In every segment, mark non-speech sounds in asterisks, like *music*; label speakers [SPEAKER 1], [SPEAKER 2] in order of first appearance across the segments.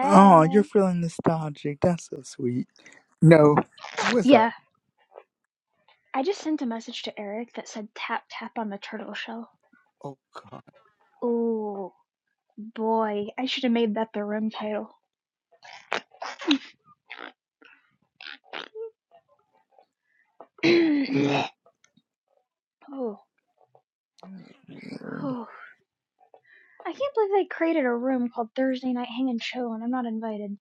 [SPEAKER 1] Oh, you're feeling nostalgic. That's so sweet. No, what's
[SPEAKER 2] Yeah,
[SPEAKER 1] up?
[SPEAKER 2] I just sent a message to Eric that said tap tap on the turtle shell.
[SPEAKER 1] Oh God,
[SPEAKER 2] Oh boy, I should have made that the room title. *clears throat* oh,
[SPEAKER 1] Lord.
[SPEAKER 2] oh, I can't believe they created a room called Thursday Night Hang and Show and I'm not invited.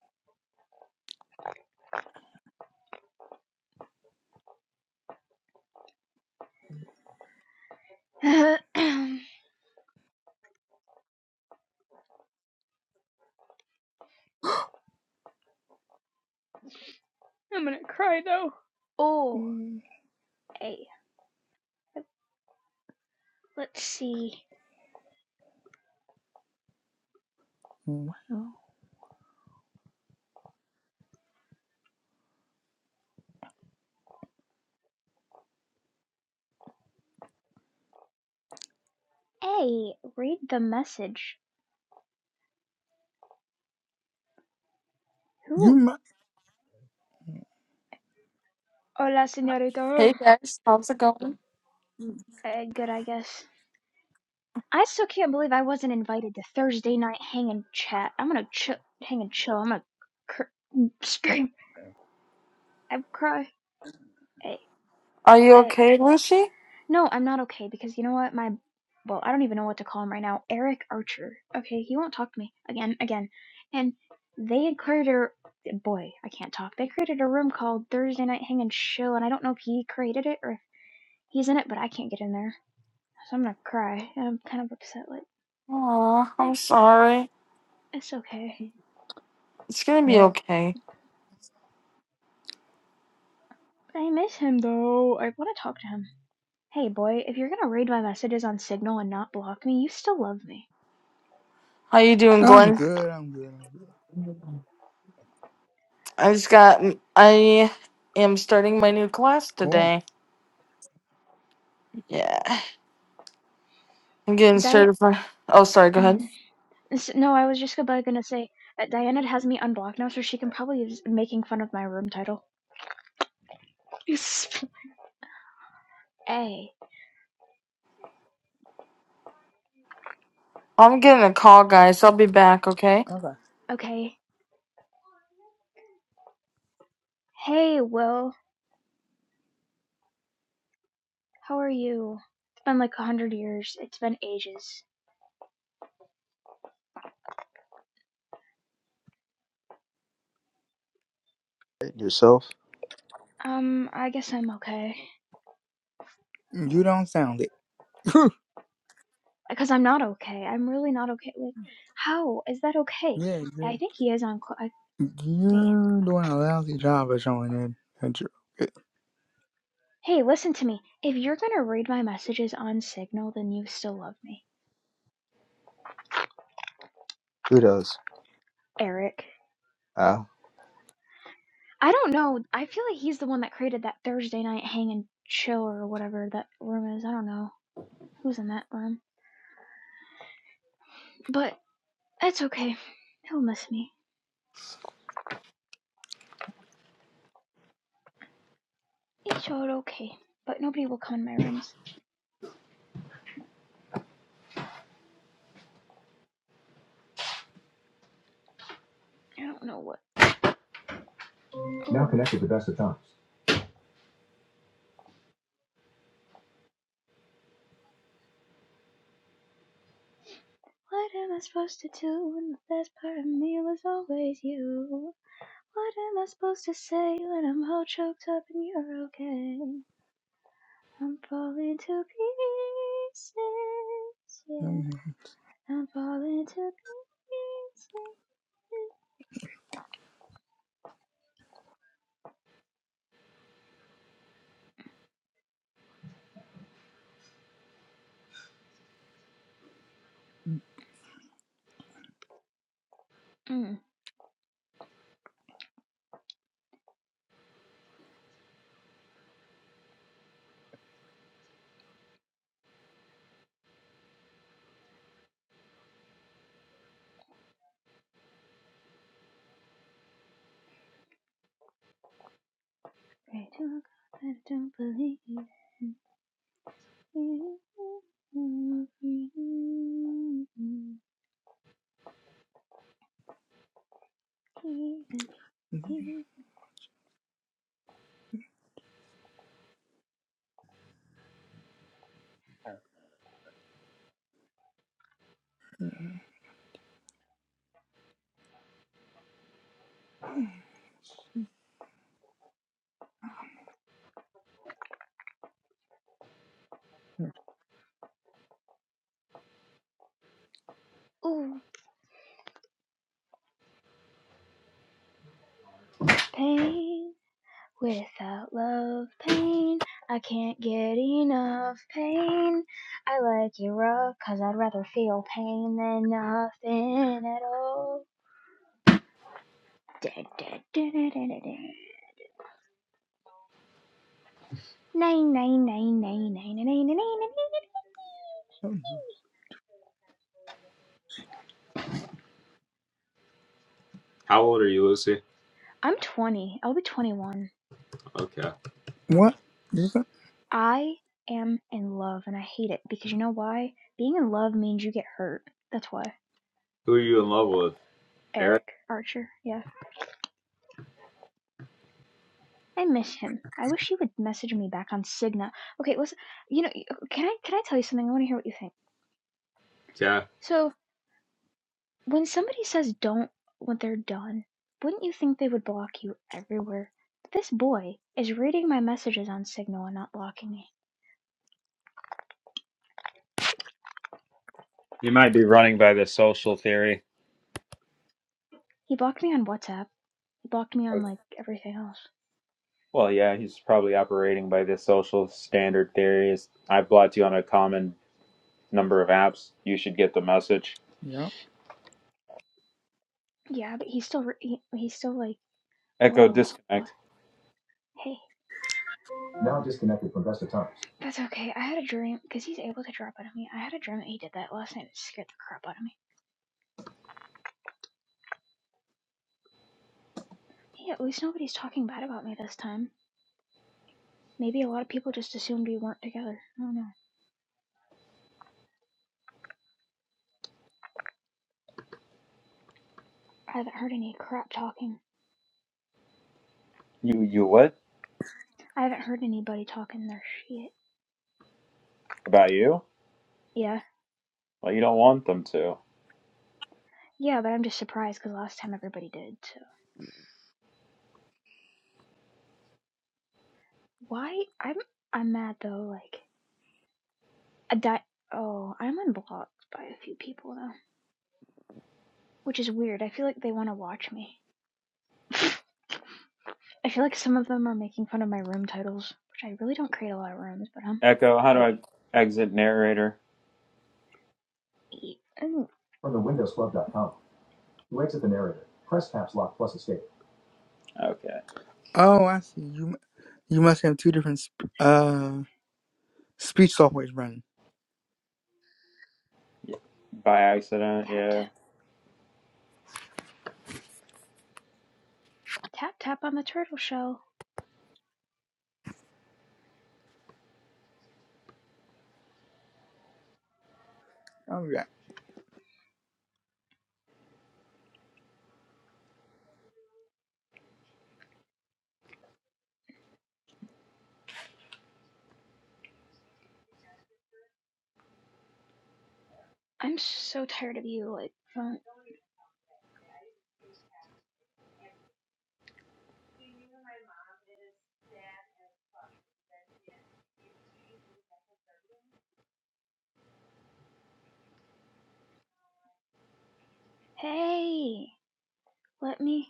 [SPEAKER 2] *clears throat* I'm gonna cry though. Oh,
[SPEAKER 1] Mm,
[SPEAKER 2] hey, let's see.
[SPEAKER 1] Well,
[SPEAKER 2] Hey, read the message.
[SPEAKER 1] you
[SPEAKER 2] Who?
[SPEAKER 1] might.
[SPEAKER 2] Hola, señorita.
[SPEAKER 3] Hey guys, how's it going?
[SPEAKER 2] Uh, good, I guess. I still can't believe I wasn't invited to Thursday night hang and chat. I'm gonna chill, hang and chill. I'm gonna cr- scream. I cry. Hey,
[SPEAKER 3] Are you
[SPEAKER 2] hey.
[SPEAKER 3] okay, Lucy?
[SPEAKER 2] No, I'm not okay because you know what? My, well, I don't even know what to call him right now. Eric Archer. Okay, he won't talk to me again, again. And they had created a boy. I can't talk. They created a room called Thursday night hang and chill, and I don't know if he created it or if he's in it, but I can't get in there, so I'm gonna cry. I'm kind of upset. Like,
[SPEAKER 3] Aw,
[SPEAKER 2] eh,
[SPEAKER 3] I'm sorry.
[SPEAKER 2] it's okay.
[SPEAKER 3] It's gonna be
[SPEAKER 1] Well,
[SPEAKER 3] okay.
[SPEAKER 2] I miss him though. I want to talk to him. Hey boy, if you're gonna read my messages on Signal and not block me, you still love me.
[SPEAKER 3] How you doing,
[SPEAKER 1] I'm
[SPEAKER 3] Glenn?
[SPEAKER 1] good. I'm good. I'm good.
[SPEAKER 3] I just got. I am starting my new class
[SPEAKER 1] Cool.
[SPEAKER 3] today. Yeah, I'm getting
[SPEAKER 2] Di-
[SPEAKER 3] certified. Oh, sorry. Go ahead.
[SPEAKER 2] *clears throat* no, I was just about gonna say that Diana has me unblocked now, so she can probably is making fun of my room title. *laughs* hey,
[SPEAKER 3] I'm getting a call, guys. I'll be back. Okay.
[SPEAKER 1] Okay.
[SPEAKER 2] okay. Hey, Will, how are you? It's been like a hundred years. It's been ages.
[SPEAKER 4] Yourself?
[SPEAKER 2] Um, I guess I'm okay.
[SPEAKER 1] You don't sound it. *laughs*
[SPEAKER 2] Because I'm not okay. I'm really not okay. Like, how is that okay?
[SPEAKER 1] yeah,
[SPEAKER 2] I
[SPEAKER 1] you're,
[SPEAKER 2] think he is on. Cl- I, hey,
[SPEAKER 1] you're doing a lousy job of showing it that you're okay.
[SPEAKER 2] Hey, listen to me. If you're gonna read my messages on Signal, then you still love me.
[SPEAKER 4] Who does?
[SPEAKER 2] Eric.
[SPEAKER 4] Ah,
[SPEAKER 2] I don't know. I feel like he's the one that created that Thursday night hang and chill or whatever that room is. I don't know who's in that room. But that's okay. He'll miss me. It's all okay. But nobody will come in my rooms. I don't know what.
[SPEAKER 4] Now
[SPEAKER 2] Ooh.
[SPEAKER 4] connected to best of times.
[SPEAKER 2] What am I supposed to do when the best part of me was always you? What am I supposed to say when I'm all choked up and you're okay? I'm falling to pieces. Yeah, I'm falling to pieces. Mm. Pray to God that I don't believe in you. Even you. Ooh, pain without love, pain. I can't get enough pain. I like you rough, cause I'd rather feel pain than nothing at all. Nine nine nine nine nine nine nine nine nine.
[SPEAKER 4] How old are you, Lucy?
[SPEAKER 2] I'm 20. I'll be 21.
[SPEAKER 4] Okay.
[SPEAKER 1] What? You said-
[SPEAKER 2] I am in love and I hate it because you know why? Being in love means you get hurt. That's why.
[SPEAKER 4] Who are you in love with? Eric?
[SPEAKER 2] Eric Archer. Yeah. I miss him. I wish he would message me back on Cigna. Okay, listen. You know, can I can I tell you something? I want to hear what you think.
[SPEAKER 4] Yeah.
[SPEAKER 2] So, When somebody says don't when they're done, wouldn't you think they would block you everywhere? this boy is reading my messages on Signal and not blocking me.
[SPEAKER 4] You might be running by the social theory.
[SPEAKER 2] He blocked me on WhatsApp. He blocked me on like everything else.
[SPEAKER 4] Well, yeah, he's probably operating by the social standard theory. It's, I've blocked you on a common number of apps. You should get the message.
[SPEAKER 1] Yeah.
[SPEAKER 2] Yeah, but he's still re- he, he's still like
[SPEAKER 4] Echo
[SPEAKER 2] whoa what
[SPEAKER 4] disconnect.
[SPEAKER 2] hey
[SPEAKER 4] Now disconnected from best of times.
[SPEAKER 2] that's okay. I had a dream because he's able to drop out of me. I had a dream that he did that last night. It scared the crap out of me. Hey, at least nobody's talking bad about me this time. Maybe a lot of people just assumed we weren't together. I don't know. I haven't heard any crap talking.
[SPEAKER 4] You you what
[SPEAKER 2] I haven't heard anybody talking their shit.
[SPEAKER 4] about you?
[SPEAKER 2] Yeah,
[SPEAKER 4] Well, you don't want them to.
[SPEAKER 2] yeah, but I'm just surprised because last time everybody did. So why? I'm I'm mad though. Like a di. Oh, I'm unblocked by a few people though, which is weird. I feel like they want to watch me. *laughs* I feel like some of them are making fun of my room titles, which I really don't create a lot of rooms, but um,
[SPEAKER 4] Echo. How do I
[SPEAKER 2] hey,
[SPEAKER 4] exit narrator?
[SPEAKER 2] eat. Mm,
[SPEAKER 4] From the Windows Club. dot Com. To exit the narrator, press caps lock plus escape. Okay.
[SPEAKER 1] Oh, I see. You you must have two different sp- uh speech softwares running.
[SPEAKER 4] Yeah. By accident,
[SPEAKER 2] tap tap
[SPEAKER 4] yeah.
[SPEAKER 2] tap tap on the turtle shell.
[SPEAKER 1] Oh,
[SPEAKER 2] I'm so tired of you, like, phone. Hey, let me.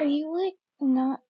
[SPEAKER 2] Are you like not?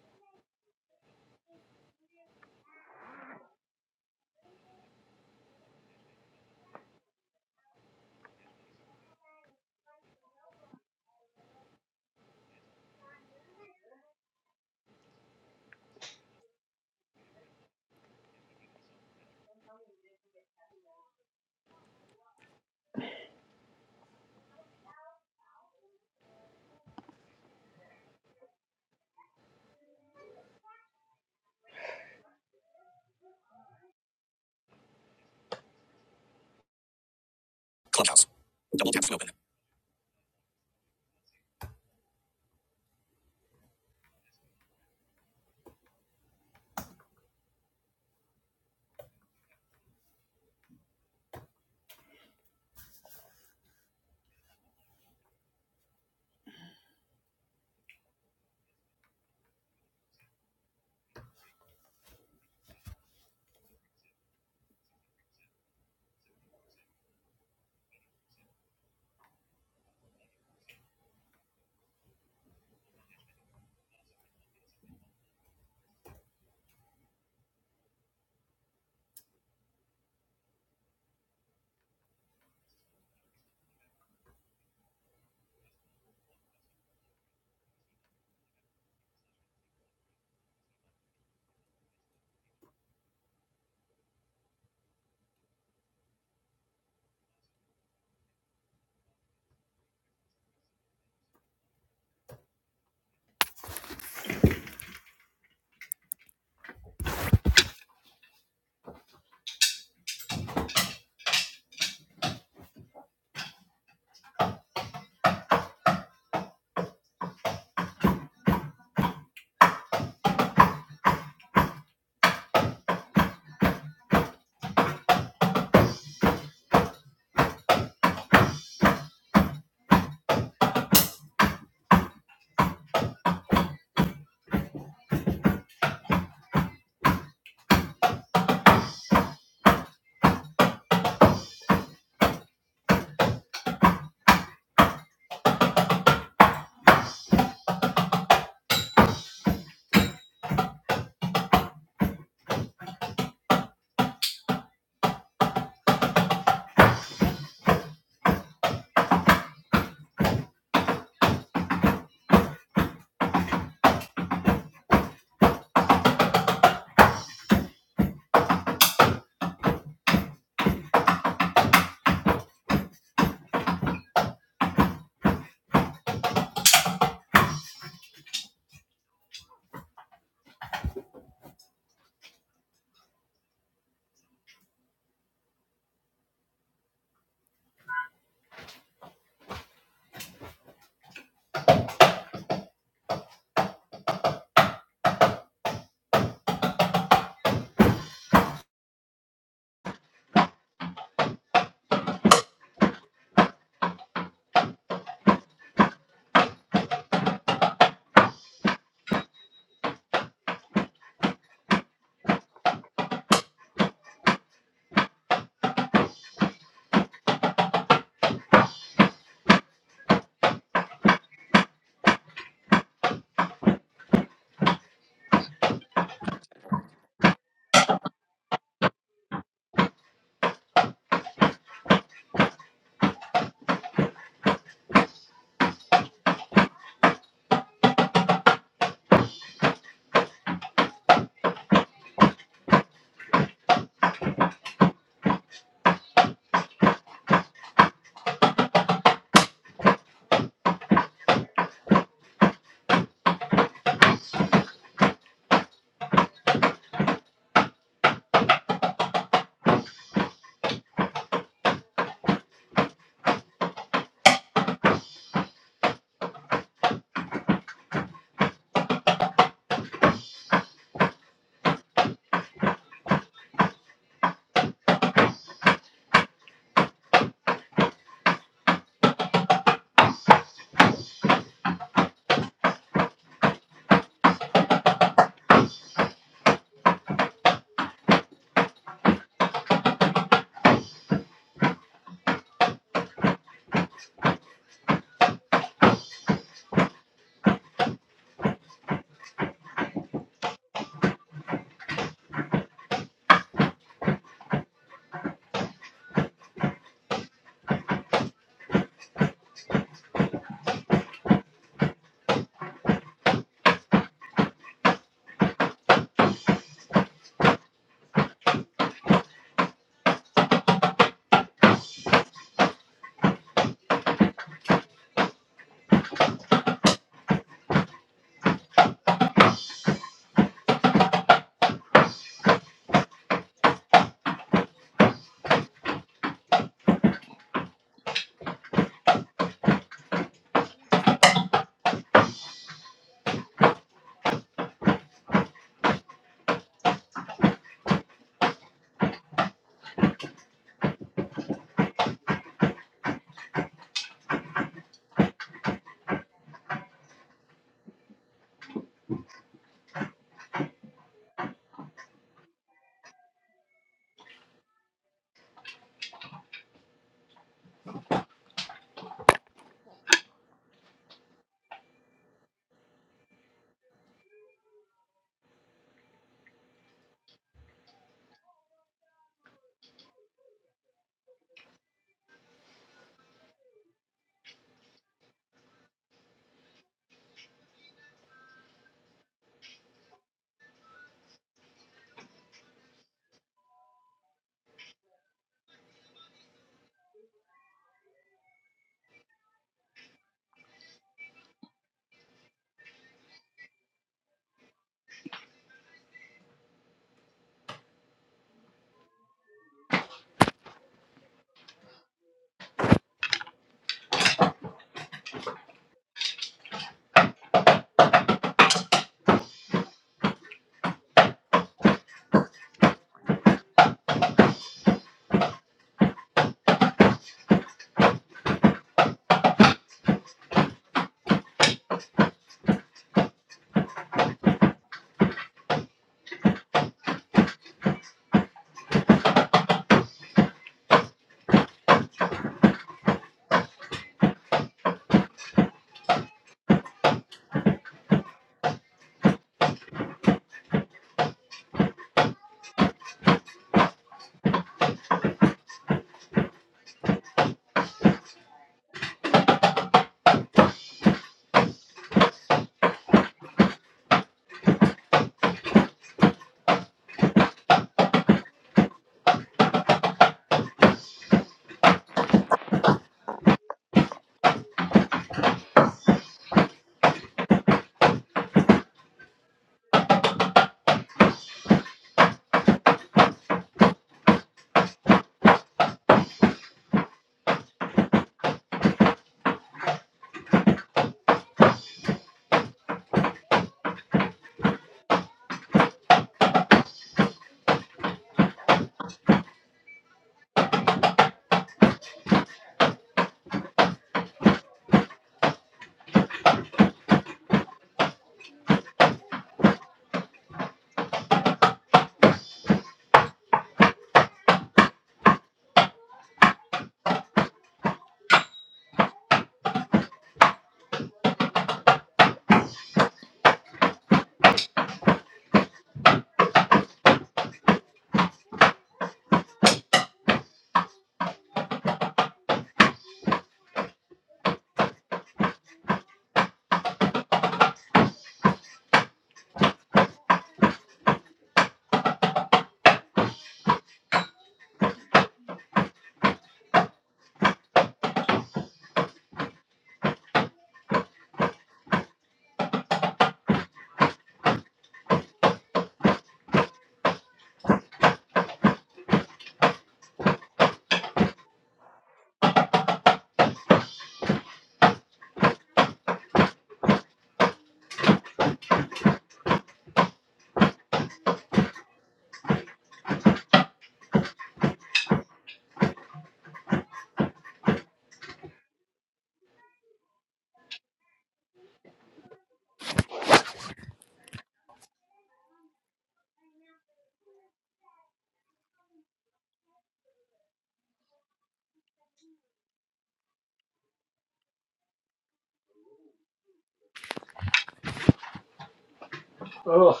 [SPEAKER 4] Oh,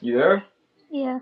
[SPEAKER 4] you there?
[SPEAKER 2] Yeah.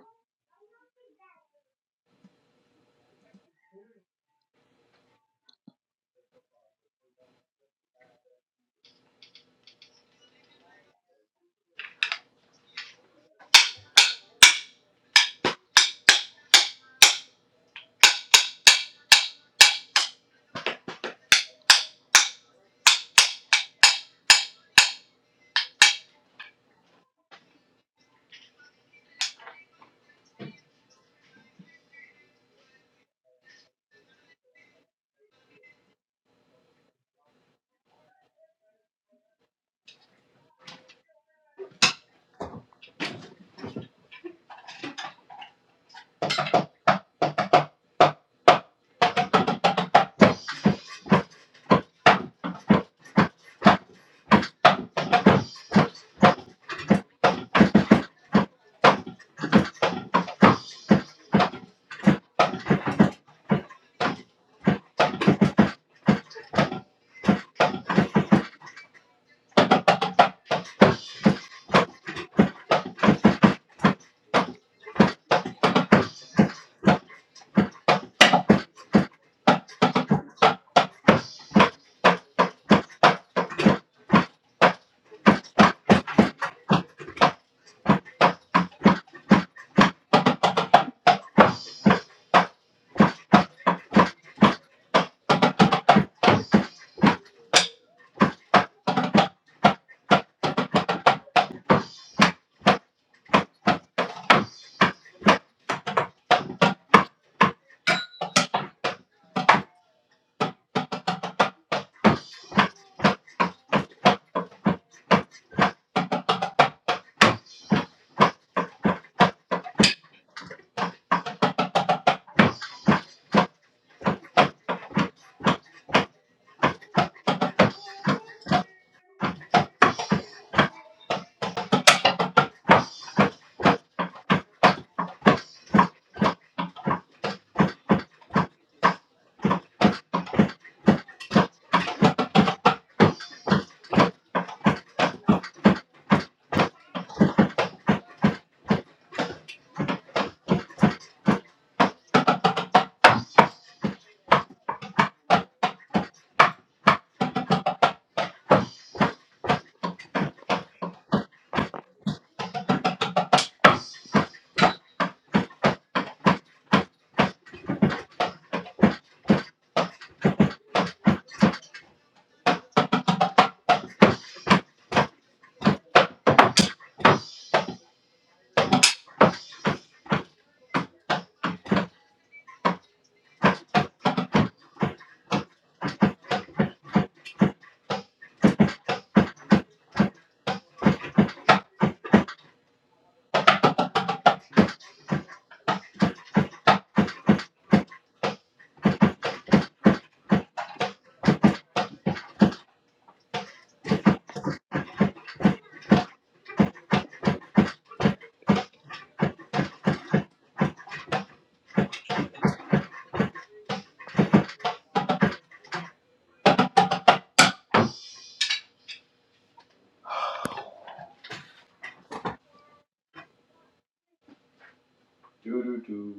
[SPEAKER 4] Do do do.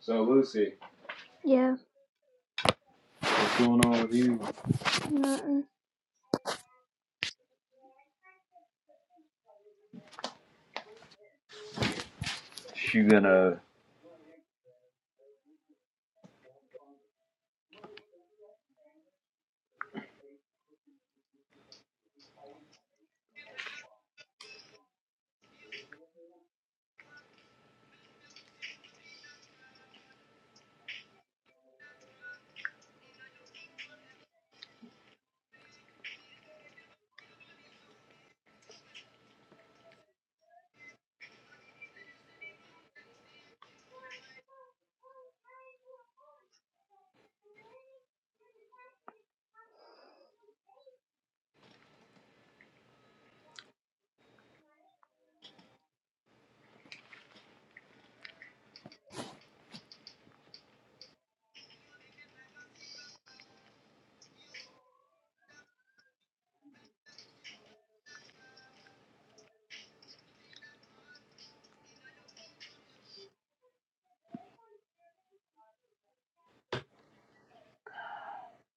[SPEAKER 4] So Lucy,
[SPEAKER 2] Yeah.
[SPEAKER 4] what's going on with you?
[SPEAKER 2] No.
[SPEAKER 4] She gonna?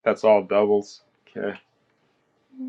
[SPEAKER 4] That's all doubles. Okay.
[SPEAKER 2] mm, mm.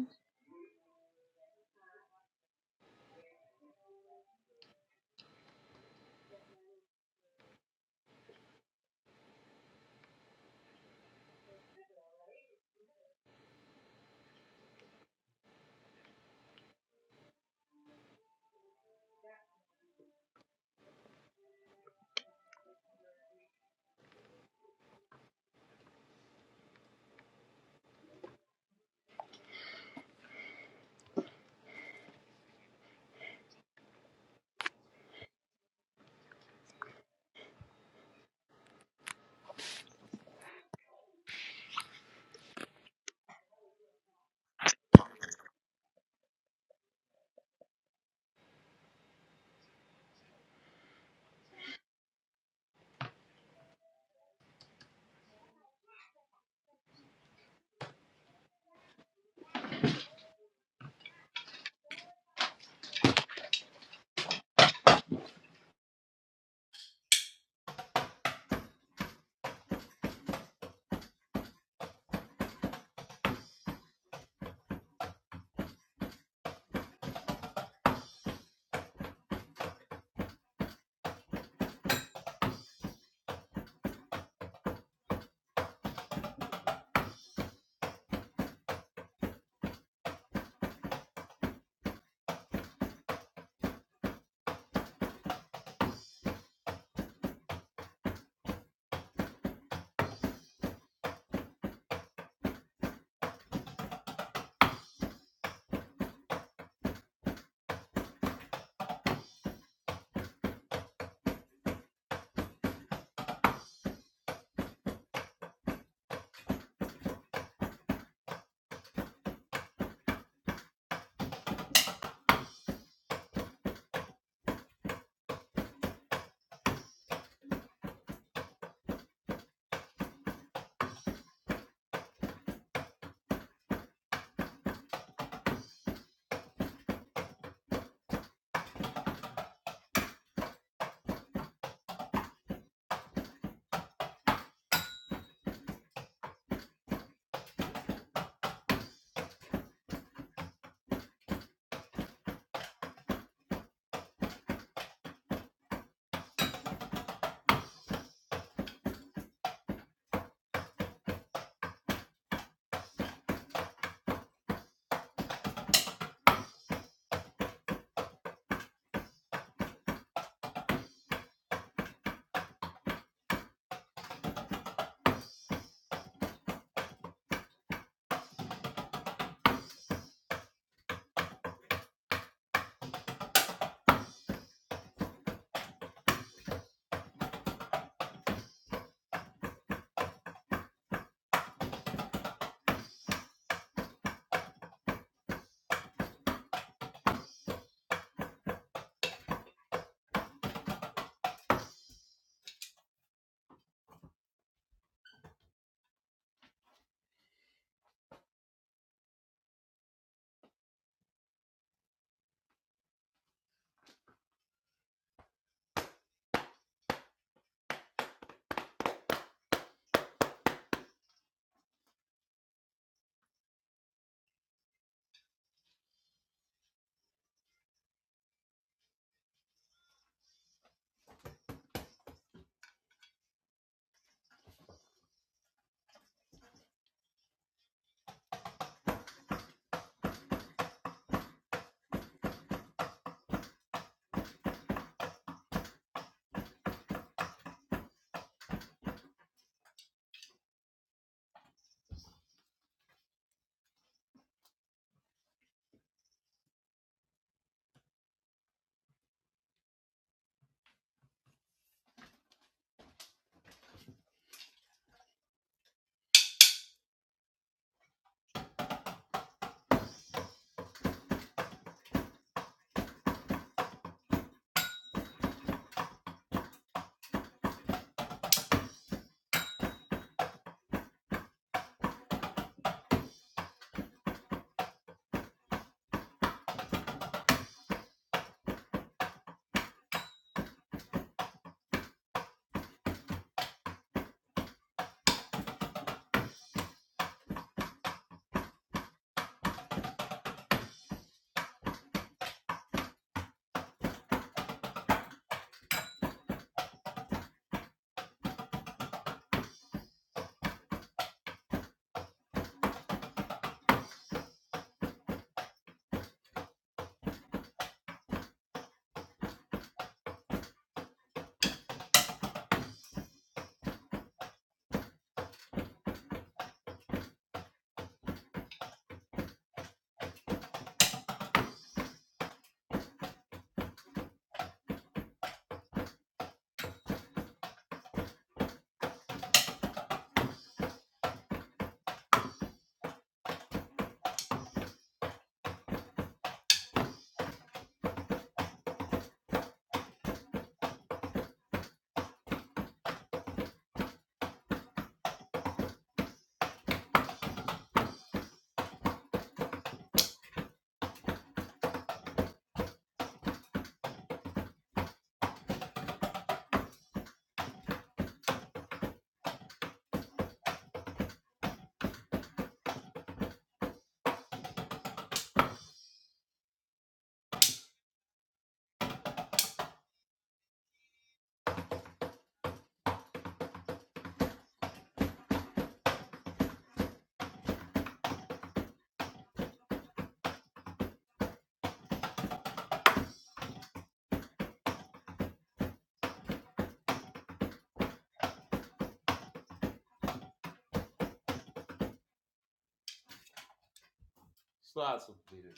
[SPEAKER 4] Slots completed.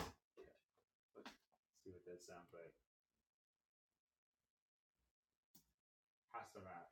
[SPEAKER 4] Let's see what that sounds like. Hasta match.